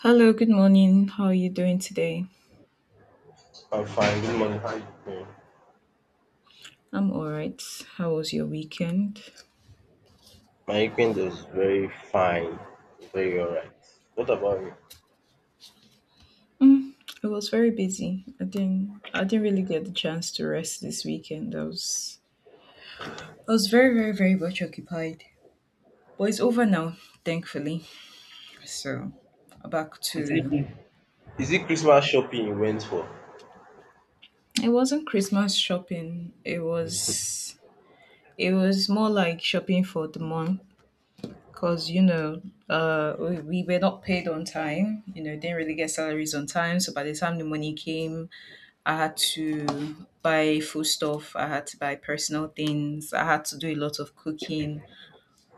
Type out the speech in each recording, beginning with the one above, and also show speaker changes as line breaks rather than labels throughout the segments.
Hello, good morning. How are you doing today?
I'm fine. Good morning. How you doing?
I'm all right. How was your weekend?
My weekend was very fine. Very alright. What about you?
It was very busy. I didn't really get the chance to rest this weekend. I was very, very, very much occupied. But it's over now, thankfully. So back to
Is it Christmas shopping you went for?
it wasn't Christmas shopping. It was more like shopping for the month because we were not paid on time, you know, didn't really get salaries on time. So by the time the money came, I had to buy food stuff, I had to buy personal things, I had to do a lot of cooking.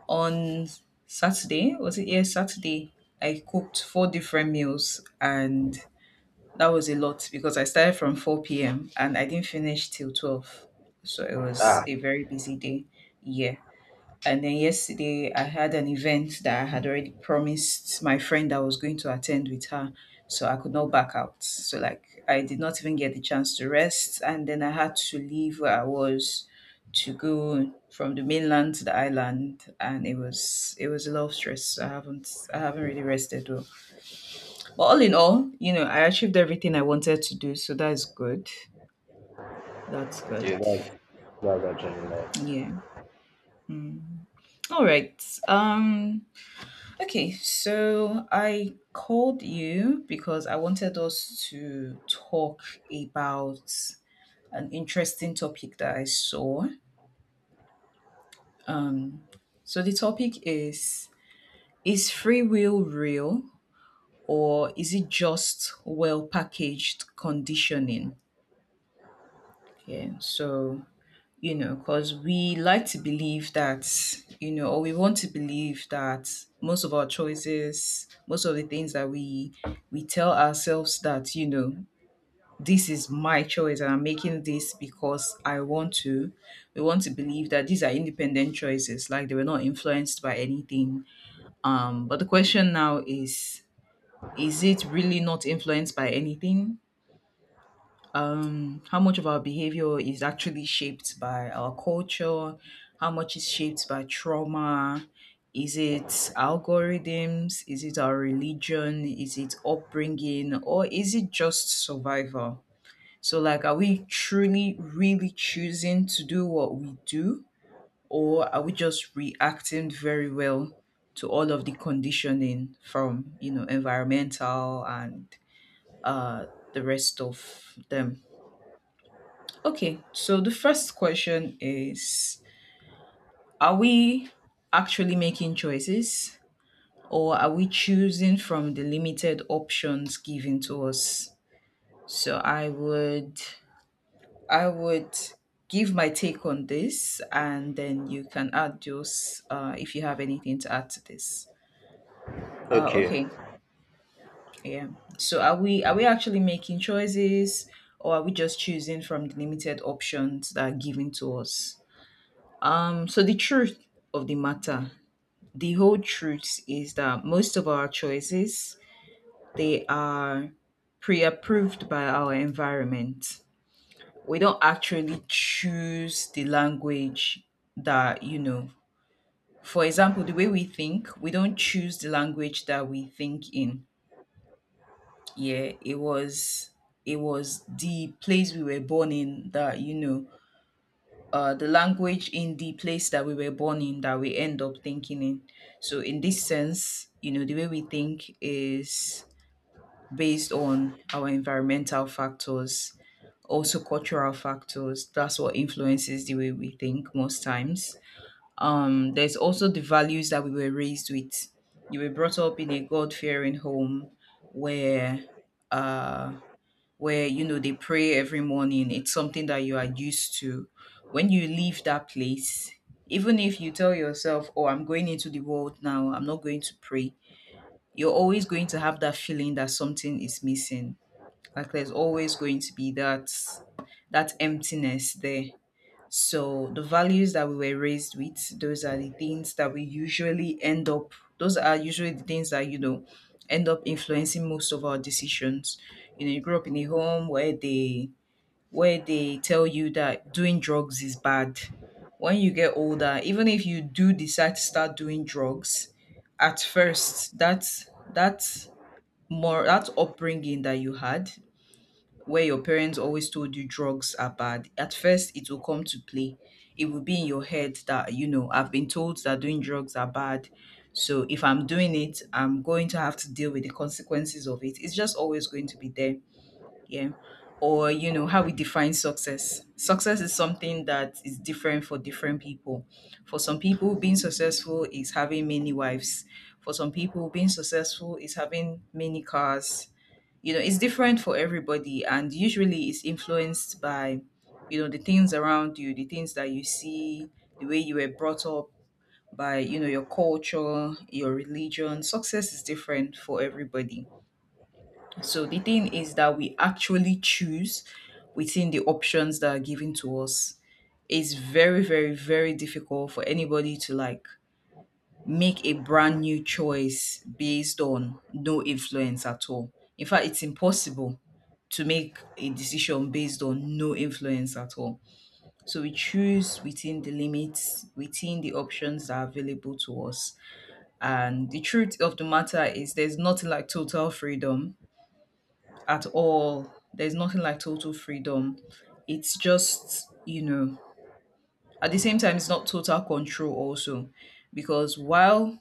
On Saturday, was it? Yeah, Saturday, I cooked four different meals, and that was a lot because I started from 4 p.m. and I didn't finish till 12. So it was
Ah,
a very busy day. Yeah. And then yesterday, I had an event that I had already promised my friend I was going to attend with her. So I could not back out. So, like, I did not even get the chance to rest. And then I had to leave where I was to go from the mainland to the island, and it was a lot of stress. So I haven't really rested well, but all in all, you know, I achieved everything I wanted to do, so that's good, that's
okay.
good.
Like, that's actually nice.
Yeah. Mm. All right. Okay, so I called you because I wanted us to talk about an interesting topic that I saw. Um, so the topic is: Is free will real, or is it just well packaged conditioning? Yeah, so you know, because we like to believe that, you know, or we want to believe that most of our choices, most of the things that we tell ourselves that, you know, this is my choice and I'm making this because I want to. We want to believe that these are independent choices, like they were not influenced by anything. But the question now is it really not influenced by anything? How much of our behavior is actually shaped by our culture, how much is shaped by trauma, is it algorithms, is it our religion, is it upbringing, or is it just survival? So, like, are we truly, really choosing to do what we do, or are we just reacting very well to all of the conditioning from, you know, environmental and uh, the rest of them? Okay, so the first question is: Are we actually making choices, or are we choosing from the limited options given to us? So I would give my take on this, and then you can add yours, if you have anything to add to this.
Okay.
Okay, yeah. So are we actually making choices, or are we just choosing from the limited options that are given to us? So the truth of the matter, the whole truth is that most of our choices, they are pre-approved by our environment. We don't actually choose the language that, you know, for example, the way we think. We don't choose the language that we think in. Yeah, it was the place we were born in that, you know, the language in the place that we were born in that we end up thinking in. So, in this sense, you know, the way we think is based on our environmental factors, also cultural factors. That's what influences the way we think most times. There's also the values that we were raised with. You were brought up in a God fearing home where, uh, where, you know, they pray every morning. It's something that you are used to. When you leave that place, even if you tell yourself, oh, I'm going into the world now, I'm not going to pray, you're always going to have that feeling that something is missing. Like there's always going to be that emptiness there. So the values that we were raised with, those are the things that we usually end up, those are usually the things that, you know, end up influencing most of our decisions. You know, you grow up in a home where they tell you that doing drugs is bad. When you get older, even if you do decide to start doing drugs, at first that more, that upbringing that you had where your parents always told you drugs are bad, at first it will come to play. It will be in your head that, you know, I've been told that doing drugs are bad. So if I'm doing it, I'm going to have to deal with the consequences of it. It's just always going to be there. Yeah. Or, you know, how we define success. Success is something that is different for different people. For some people, being successful is having many wives. For some people, being successful is having many cars. You know, it's different for everybody, and usually it's influenced by, you know, the things around you, the things that you see, the way you were brought up, by, you know, your culture, your religion. Success is different for everybody. So the thing is that we actually choose within the options that are given to us. It's very, very, very difficult for anybody to, like, make a brand new choice based on no influence at all. In fact, it's impossible to make a decision based on no influence at all. So we choose within the limits, within the options that are available to us. And the truth of the matter is, there's nothing like total freedom at all. There's nothing like total freedom. It's just, you know, at the same time, it's not total control also. Because while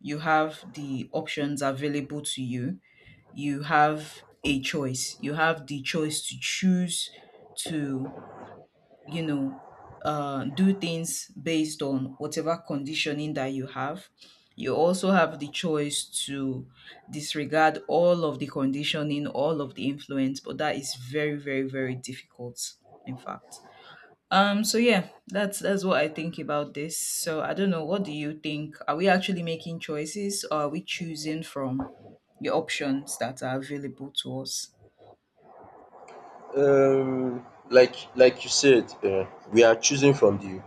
you have the options available to you. You have a choice. You have the choice to choose to, you know, do things based on whatever conditioning that you have. You also have the choice to disregard all of the conditioning, all of the influence, but that is very, very, very difficult, in fact. So yeah, that's what I think about this. So I don't know, what do you think? Are we actually making choices, or are we choosing from the options that are available to us?
Like you said, we are choosing from the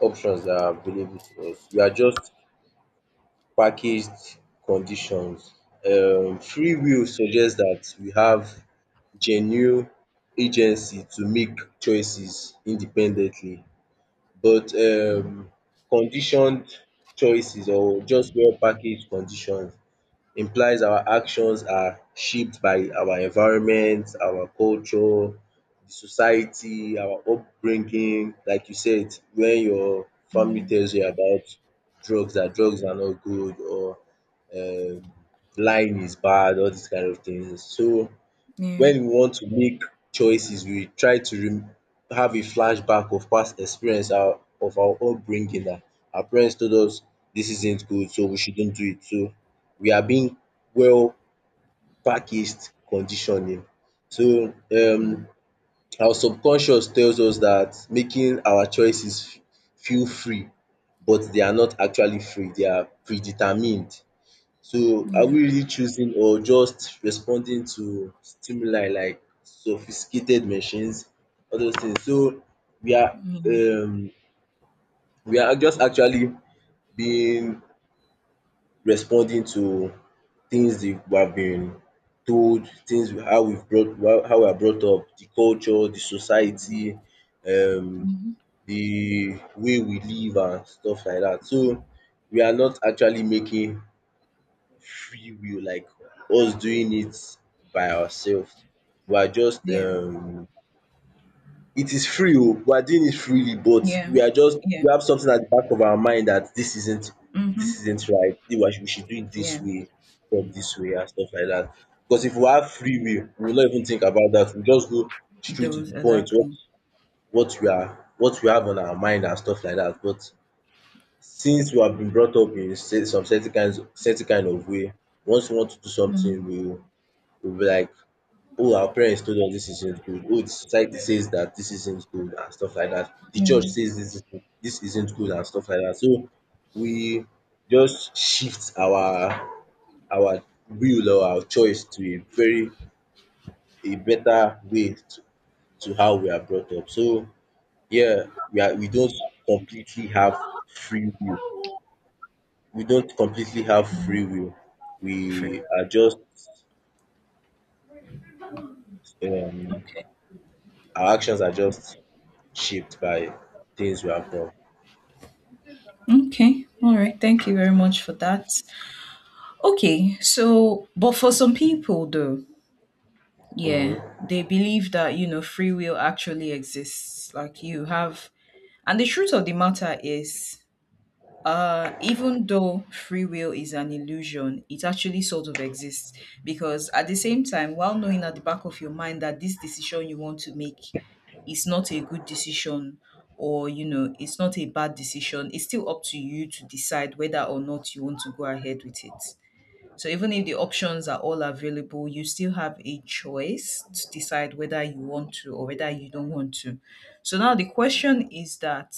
options that are available to us. We are just packaged conditions. Free will suggests that we have genuine agency to make choices independently, but
Mm,
conditioned choices or just well packaged conditions implies our actions are shaped by our environment, our culture, the society, our upbringing. Like you said, when your family
mm,
tells you about drugs, that drugs are not good, or um, lying is bad, all these kind of things. So
yeah,
when we want to make choices, we try to rem have a flashback of past experience our of our upbringing. Our parents told us this isn't good, so we shouldn't do it. So we are being well packaged conditioning. so um
mm,
our subconscious tells us that making our choices feel free, but they are not actually free, they are predetermined. So are
yeah,
we really choosing, or just responding to stimuli like sophisticated machines, all those things? So we are,
yeah,
um we are just actually being, responding to things that we have been told, things we- how we've brought how we are brought up, the culture, the society, um
mhm,
the way we live and stuff like that. So we are not actually making free will, like us doing it by ourselves. We are just,
yeah,
it is free, oh, we are doing it freely, but
yeah,
we are just
yeah,
we have something at the back of our mind that this
mm-hmm,
isn't right, we should do it this
yeah,
way, not this way and stuff like that. Because if we have free
mm,
will, we will not even think about that, we just go straight to
those
the point, what
exactly.
what we are what we have on our mind and stuff like that. But since we have been brought up in cer- some certain kinds certain kind of way, once we want to do something,
Mm,
we we'll be like, oh, our parents told us this isn't good. Oh, the society says that this isn't good and stuff like that. The church
mm,
says this isn't good and stuff like that. So we just shift our will or our choice to a very a better way, to how we are brought up. So yeah, we don't completely have free will. We don't completely have free will.
free
We
will.
are just, um
Okay.
our actions are just shaped by things we have done.
Okay. All right. Thank you very much for that. Okay. So, but for some people though, yeah,
Mm-hmm.
they believe that, you know, free will actually exists, like you have. And the truth of the matter is, even though free will is an illusion, it actually sort of exists. Because at the same time, while knowing at the back of your mind that this decision you want to make is not a good decision, or, you know, it's not a bad decision, it's still up to you to decide whether or not you want to go ahead with it. So even if the options are all available, you still have a choice to decide whether you want to or whether you don't want to. So now the question is that,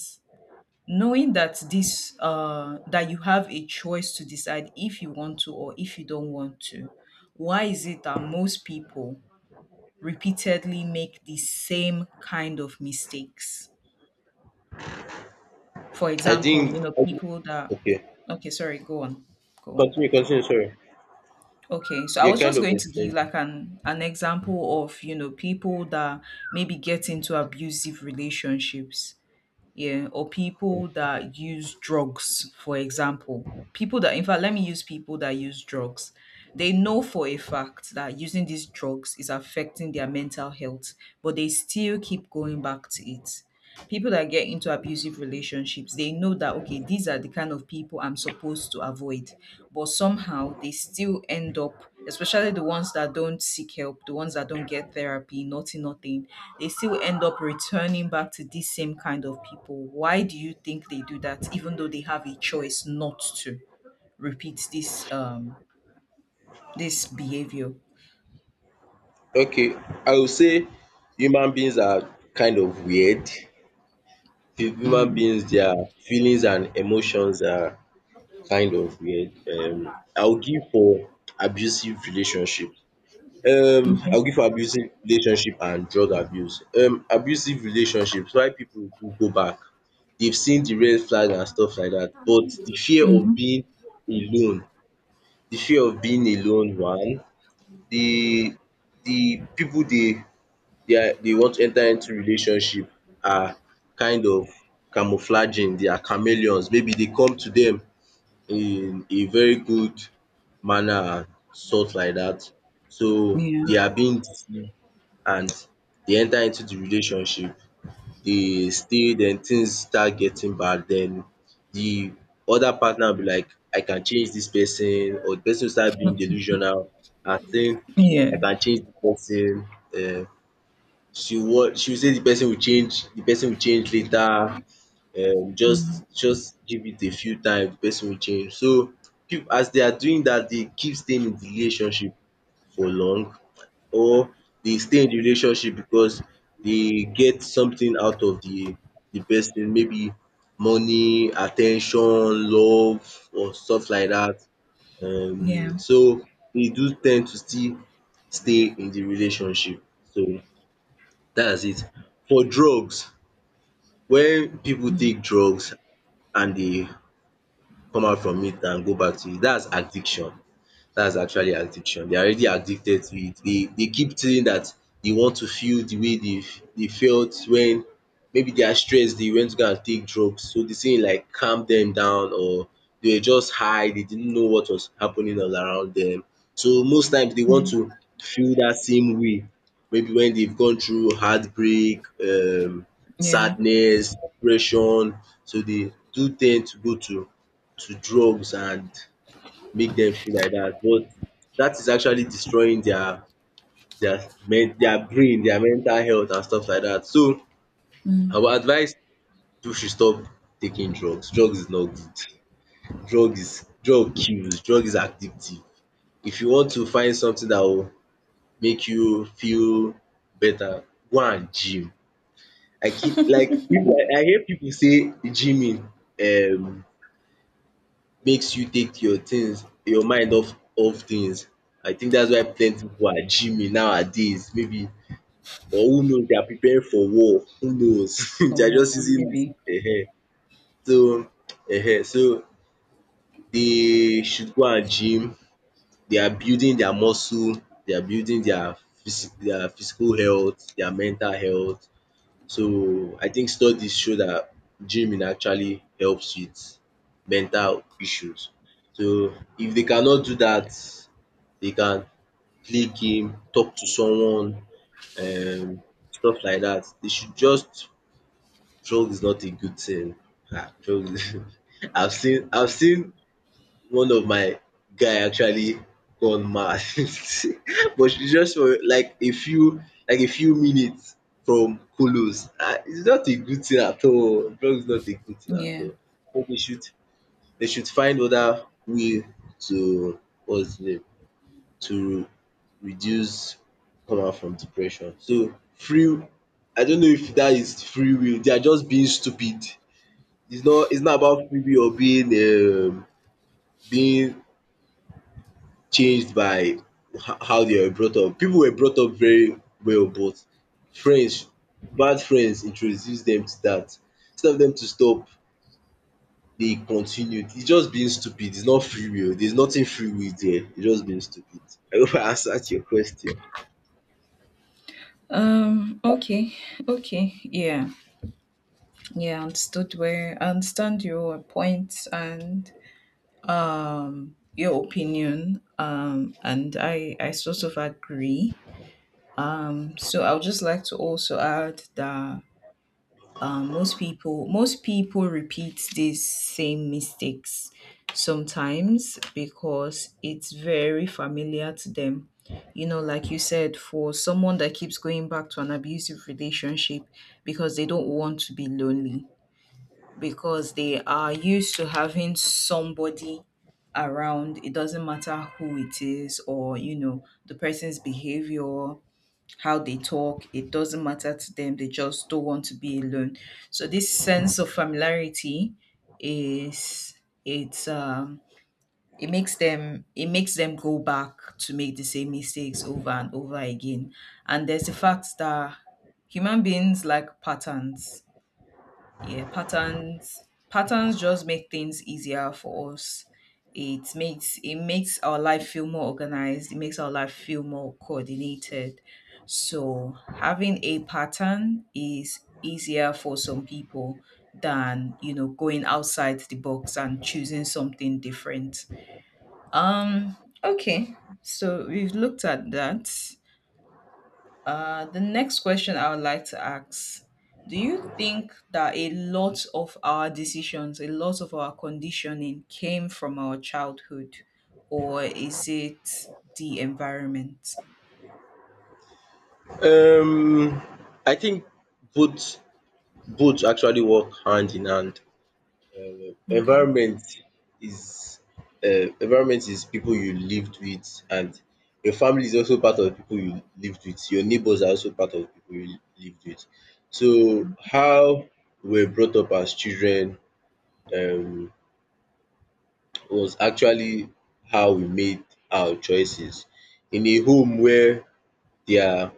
knowing that this that you have a choice to decide if you want to or if you don't want to, why is it that most people repeatedly make the same kind of mistakes? For
I
example,
think
you know, people that—
okay.
okay, sorry, go on. Go on.
Continue, continue, sorry.
Okay, so I
You're
was
kind
just
of
going to give
explained.
like an example of, you know, people that maybe get into abusive relationships, yeah, or people that use drugs, for example. People that, in fact, let me use people that use drugs. They know for a fact that using these drugs is affecting their mental health, but they still keep going back to it. People that get into abusive relationships, they know that, okay, these are the kind of people I'm supposed to avoid, but somehow they still end up, especially the ones that don't seek help, the ones that don't get therapy, nothing, nothing, they still end up returning back to these same kind of people. Why do you think they do that even though they have a choice not to repeat this this behavior?
Okay. I would say human beings are kind of weird. Human
Mm.
beings, their feelings and emotions are kind of weird. I'll give for abusive relationship.
Okay.
I'll give for abusive relationship and drug abuse. Abusive relationships, why people do go back? They've seen the red flag and stuff like that. But the fear of
Mm-hmm.
being alone, the fear of being alone, one, the the people they want to enter into relationship are kind of camouflaging, they are chameleons. Maybe they come to them in a very good manner and stuff like that. So
Yeah,
they are being deceived and they enter into the relationship. They stay, then things start getting bad, then the other partner will be like, I can change this person, or the person will start being delusional and saying I
yeah,
can change the person. um she, what she will say, the person will change, the person will change later. Just give it a few times, the person will change. So people, as they are doing that, they keep staying in the relationship for long, or they stay in the relationship because they get something out of the person, maybe money, attention, love or stuff like that.
yeah.
So they do tend to still stay in the relationship. So that's it. For drugs, when people
Mm,
take drugs and they come out from it and go back to it, that's addiction. That's actually addiction. They are already addicted to it. They keep saying that they want to feel the way they they felt when maybe they are stressed, they went to go and take drugs. So they say, like, calm them down, or they were just high, they didn't know what was happening all around them. So most times they want
mm,
to feel that same way. Maybe when they've gone through heartbreak,
yeah.
sadness, depression. So they do tend to go to drugs and make dem feel like dat, but dat is actually destroying their men, their brain, their mental health and stuff like dat. So I would advise people should stop taking drugs. Drugs is not good. Drug is, drug kills. Drug is addictive. If you want to find something dat will make you feel better, go and gym. I keep, like, people, I hear pipu say gyming um makes you take your things, your mind off off things. I think that's why plenty people are gymming nowadays, maybe, or who knows, they are preparing for war, who knows they are
Or
just using
maybe.
so they should go and gym, they are building their muscle, they are building their physi their physical health, their mental health. So I think studies show that dreaming actually helps with mental issues. So if they cannot do that, they can play game, talk to someone, um stuff like that. They should just, drugs is not a good thing. Drug I've seen, I've seen one of my guy actually gone mad but she just for like a few, like a few minutes from kolos. It's not a good thing at all. Drug is not a good thing at
Yeah.
all. So they should, they should find other way to, what's the name, to reduce, come out from depression. So free, I don't know if that is free will. They are just being stupid. It's not, it's not about free will or being being changed by how they were brought up. People were brought up very well, but friends, bad friends introduced them to that. Instead of them to stop, they continued. It's just being stupid. It's not free will. There's nothing free will there. It's just being stupid. I hope I answered your question.
Okay. Okay. Yeah. Yeah, I understood where— I understand your point and your opinion. And I sort of agree. So I would just like to also add that most people repeat these same mistakes sometimes because it's very familiar to them, you know, like you said, for someone that keeps going back to an abusive relationship because they don't want to be lonely, because they are used to having somebody around. It doesn't matter who it is or, you know, the person's behavior, how they talk. It doesn't matter to them. They just don't want to be alone. So this sense of familiarity is, it's it makes them, it makes them go back to make the same mistakes over and over again. And there's the fact that human beings like patterns. Yeah, patterns just make things easier for us. It makes, it makes our life feel more organized, it makes our life feel more coordinated. So having a pattern is easier for some people than, you know, going outside the box and choosing something different. um okay, so we've looked at that. The next question I would like to ask: do you think that a lot of our decisions, a lot of our conditioning came from our childhood, or is it the environment?
Um, I think both, both actually work hand in hand.
Okay.
Environment is, environment is people you lived with, and your family is also part of the people you lived with, your neighbours are also part of the people you lived with. So
Mm.
how we were brought up as children um was actually how we made our choices. In a home where their,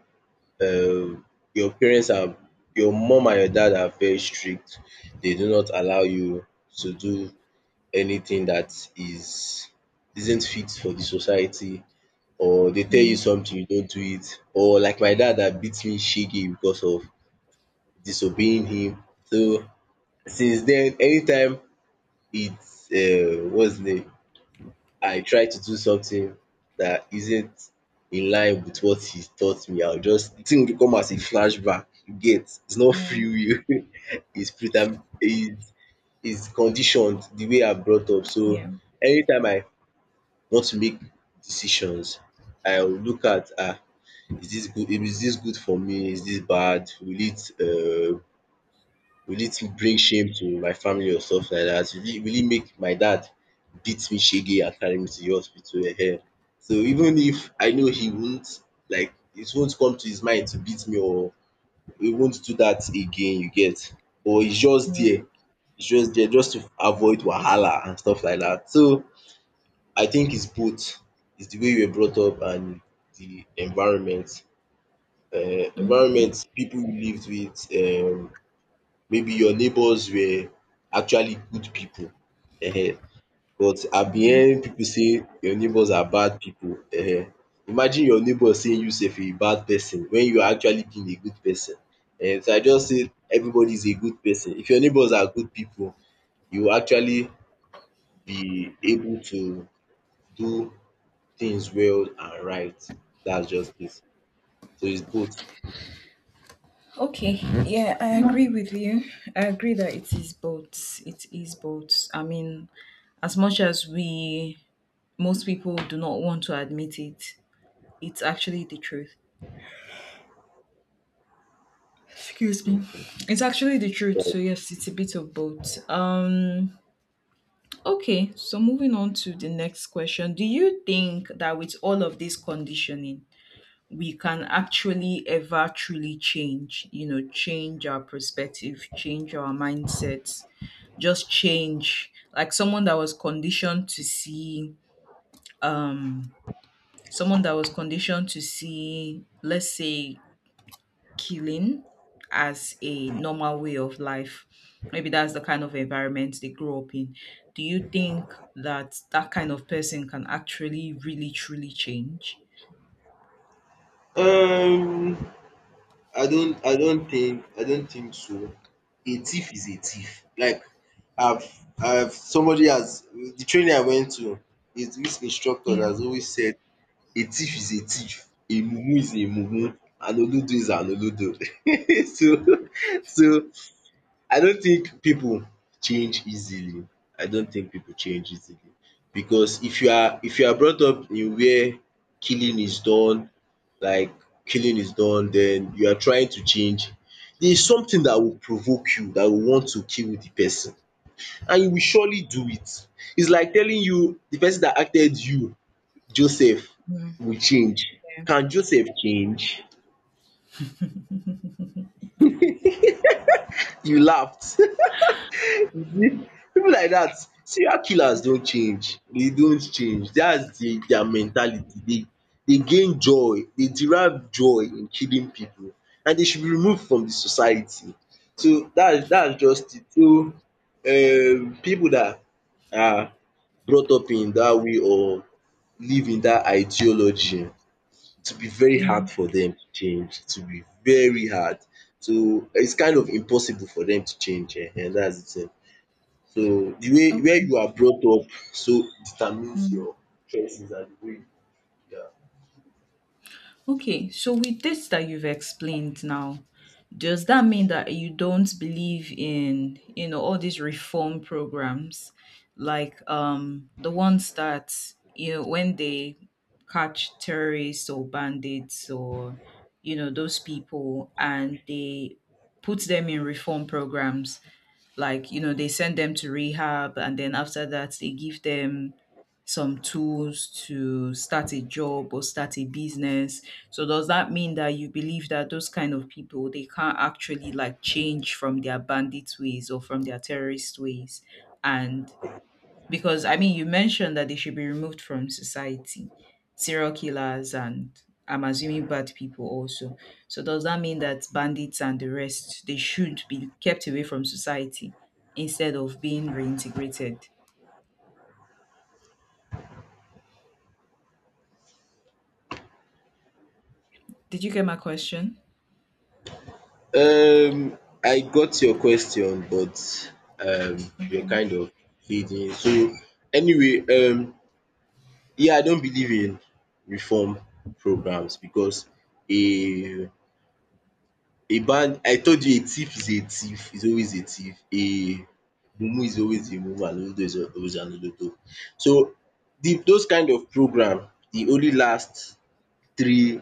um your parents are, your mom and your dad are very strict, they do not allow you to do anything that is, isn't fit for the society, or they tell you something you don't do it, or like my dad that beat me shege because of disobeying him. So since then, anytime, it's what's his name, I try to do something that isn't in line with what he taught me, I will just, the thing will come as a flashback, you get. It's not
Yeah.
free will it's preter is, it is conditioned the way I brought up. So
Yeah.
anytime I want to make decisions, I will look at, ah, is this good, is this good for me? Is this bad? Will it bring shame to my family or stuff like that? Will it make my dad beat me shege and carry me to the hospital? Ehen. So even if I know he won't, like, it won't come to his mind to beat me, or he won't do that again, you get. Or he's just
Yeah.
there. It's just there just to avoid wahala and stuff like that. So I think it's both. It's the way you were brought up and the environment.
Okay.
Environment, people you lived with, maybe your neighbors were actually good people. um But at the end, people say your neighbors are bad people. Imagine your neighbor saying you sef you a bad person when you are actually being a good person. So I just say everybody is a good person. If your neighbors are good people, you will actually be able to do things well and right. That's just it. So it's both.
Okay. Yeah, I agree with you. I agree that it is both. It is both. I mean, as much as we, most people do not want to admit it, it's actually the truth. Excuse me.
Mhm.
It's actually the truth.
Correct.
So yes, it's a bit of both. Okay, so moving on to the next question. Do you think that with all of this conditioning, we can actually ever truly change, you know, change our perspective, change our mindsets, just change? Like someone that was conditioned to see um someone that was conditioned to see, let's say, killing as a normal way of life. Maybe that's the kind of environment they grow up in. Do you think that that kind of person can actually, really, truly change?
Um, I don't think, I don't think so. A thief is a thief. Like I've, I've, somebody has the training I went to. Is this instructor
Yeah.
that has always said a thief is a thief, a mumu is a mumu, an olodo is an olodo. So, so I don't think people change easily. I don't think people change easily because if you are, if you are brought up in where killing is done, like killing is done, then you are trying to change, there is something that will provoke you, that will want to kill the person, and you will surely do it. It's like telling you the person that acted you, Joseph, will change.
Yeah.
Can Joseph change? You laughed. You see, pipu like that, serial killers don't change. They don't change. That's the dia mentality. They gain joy, they derive joy in killing people, and they should be removed from the society. So that, that's just it. So pipu dat are brought up in that way or live in that ideology, it will be very
Yeah.
hard for them to change. It will be very hard. So it's kind of impossible for them to change, and that's it. Eh. So the way where
Okay.
you are brought up so determines
Mm.
your choices and the way.
Okay, so with this that you've explained now, does that mean that you don't believe in, you know, all these reform programs, like the ones that, you know, when they catch terrorists or bandits or, you know, those people and they put them in reform programs, like, you know, they send them to rehab, and then after that they give them some tools to start a job or start a business. So does that mean that you believe that those kind of people, they can't actually like change from their bandit ways or from their terrorist ways? And because I mean, you mentioned that they should be removed from society, serial killers, and I'm assuming bad people also. So does that mean that bandits and the rest, they should be kept away from society instead of being reintegrated? Did you get my question?
Yeah. I got your question, but um you're
Okay.
kind of leading. So anyway, yeah, I don't believe in reform programs because a a band I told you a thief is always a thief. A mumu is always a mumu and olodo is always an olodo. So the, those kind of program e only last three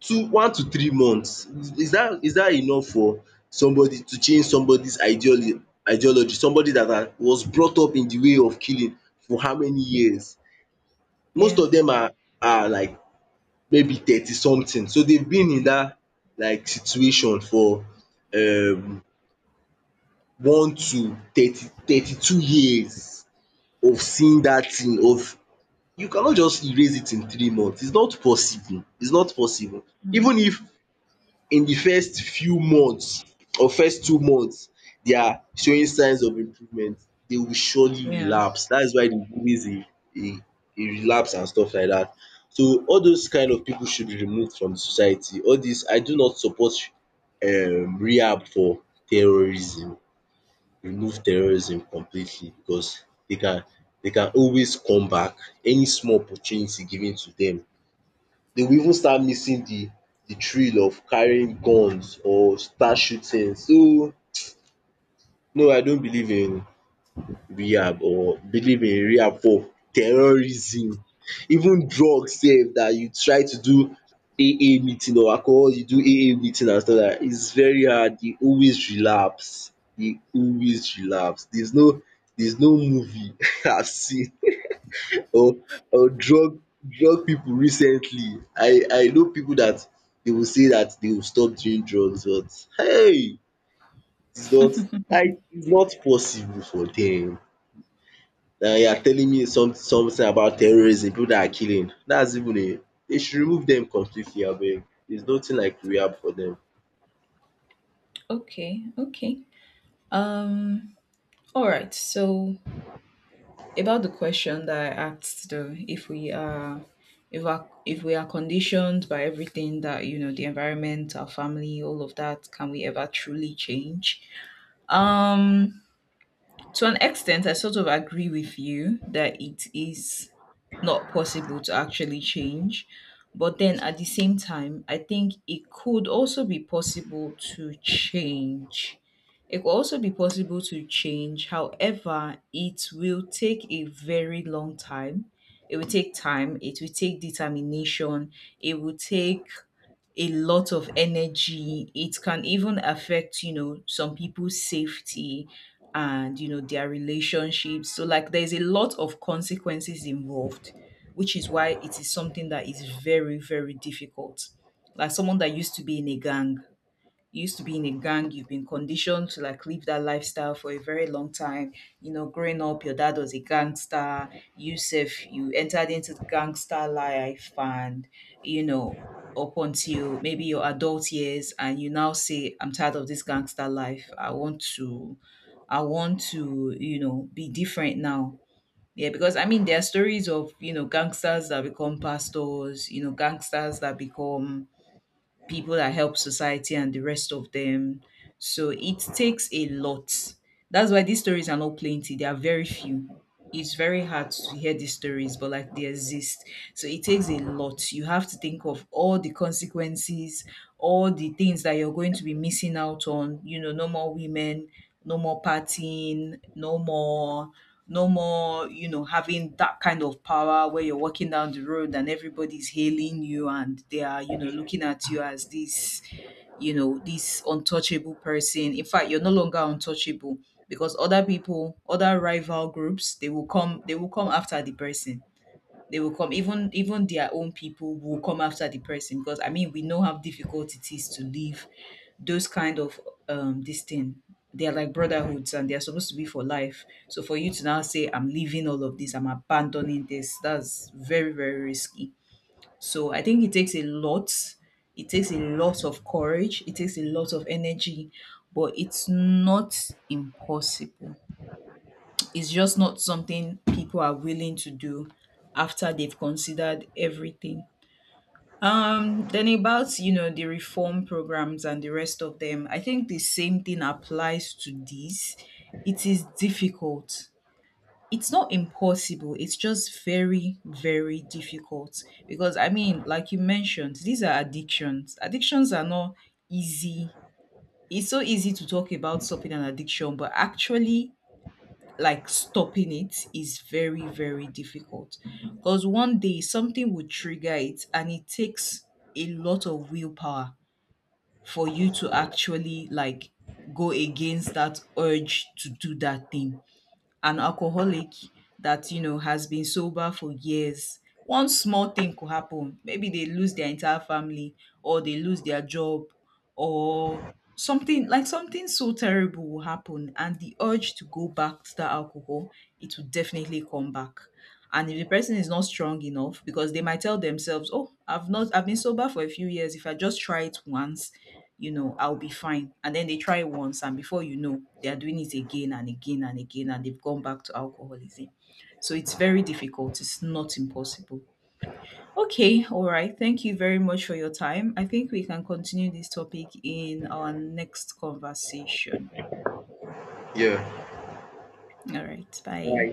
two one to 3 months, is dat, is dat enough for somebody to change somebody's ideology? Somebody dat has was brought up in the way of killing for how many years? Most
Yeah.
of dem are like, maybe 30 something, so they've been in dat, like, situation for um 1 to 30, 32 years of seeing dat thing of, you cannot just erase it in 3 months, it's not possible, it's not possible.
Mm.
Even if in di first few months or first 2 months they are showing signs of improvement, they will surely
Yeah.
relapse. That is why there is always a, a a relapse and stuff like that. So all those kind of pipu should be removed from the society. All dis, I do not support rehab for terrorism. Remove terrorism completely because they can, they can always come back. Any small opportunity given to dem, they will even start missing the thrill of carrying guns or start shooting. So no, I don't believe in rehab, or believe in rehab for terrorism. Even drugs sef dat you try to do AA meeting or alcohol you do AA meeting and stuff like dat is very hard, you always relapse, you always relapse. There's no, there's no movie I have seen, or or drug, drug people recently. I know people that they will say that they will stop doing drugs, but hey! It's not, like, it's not possible for dem. And you are telling me some, something about terrorism, people that are killing. That's even a, they should remove dem completely abeg. There's nothing like rehab for dem.
Okay. Okay. Um. All right. So about the question that I asked though, if we are, if our, if we are conditioned by everything that, you know, the environment, our family, all of that, can we ever truly change? Um, to an extent, I sort of agree with you that it is not possible to actually change. But then at the same time, I think it could also be possible to change. It could also be possible to change. However, it will take a very long time. It will take time. It will take determination. It will take a lot of energy. It can even affect, you know, some people's safety and, you know, their relationships. So, like, there's a lot of consequences involved, which is why it is something that is very, very difficult. Like, someone that used to be in a gang, you used to be in a gang, you've been conditioned to like live that lifestyle for a very long time. You know, growing up, your dad was a gangster. You self, you entered into the gangster life, and, you know, up until maybe your adult years, and you now say, "I'm tired of this gangster life. I want to, you know, be different now." Yeah, because I mean, there are stories of, you know, gangsters that become pastors, you know, gangsters that become people that help society and the rest of them. So it takes a lot. That's why these stories are not plenty. They are very few. It's very hard to hear these stories, but like they exist. So it takes a lot. You have to think of all the consequences, all the things that you're going to be missing out on. You know, no more women, no more partying, no more, you know, having that kind of power where you're walking down the road and everybody's hailing you and they are, you know, looking at you as this, you know, this untouchable person. In fact, you're no longer untouchable because other people, other rival groups, they will come after the person. They will come, even their own people will come after the person, because I mean, we know how difficult it is to leave those kind of this thing. They're like brotherhoods and they're supposed to be for life. So for you to now say, "I'm leaving all of this, I'm abandoning this," that's very, very risky. So I think it takes a lot. It takes a lot of courage, it takes a lot of energy, but it's not impossible. It's just not something people are willing to do after they've considered everything. Then about, you know, the reform programs and the rest of them, I think the same thing applies to this. It is difficult. It's not impossible. It's just very, very difficult because I mean, like you mentioned, these are addictions. Addictions are not easy. It's so easy to talk about stopping an addiction, but actually like stopping it is very very difficult because one day something would trigger it, and it takes a lot of willpower for you to actually like go against that urge to do that thing. An alcoholic that, you know, has been sober for years, one small thing could happen, maybe they lose their entire family, or they lose their job, or something, like something so terrible will happen, and the urge to go back to that alcohol, it will definitely come back. And if the person is not strong enough, because they might tell themselves, oh, I've not, I've been sober for a few years, if I just try it once, you know, I'll be fine. And then they try it once, and before you know, they are doing it again and again and again, and they've gone back to alcoholism. So it's very difficult. It's not impossible. Okay, all right. Thank you very much for your time. I think we can continue this topic in our next conversation.
Yeah.
All right, bye.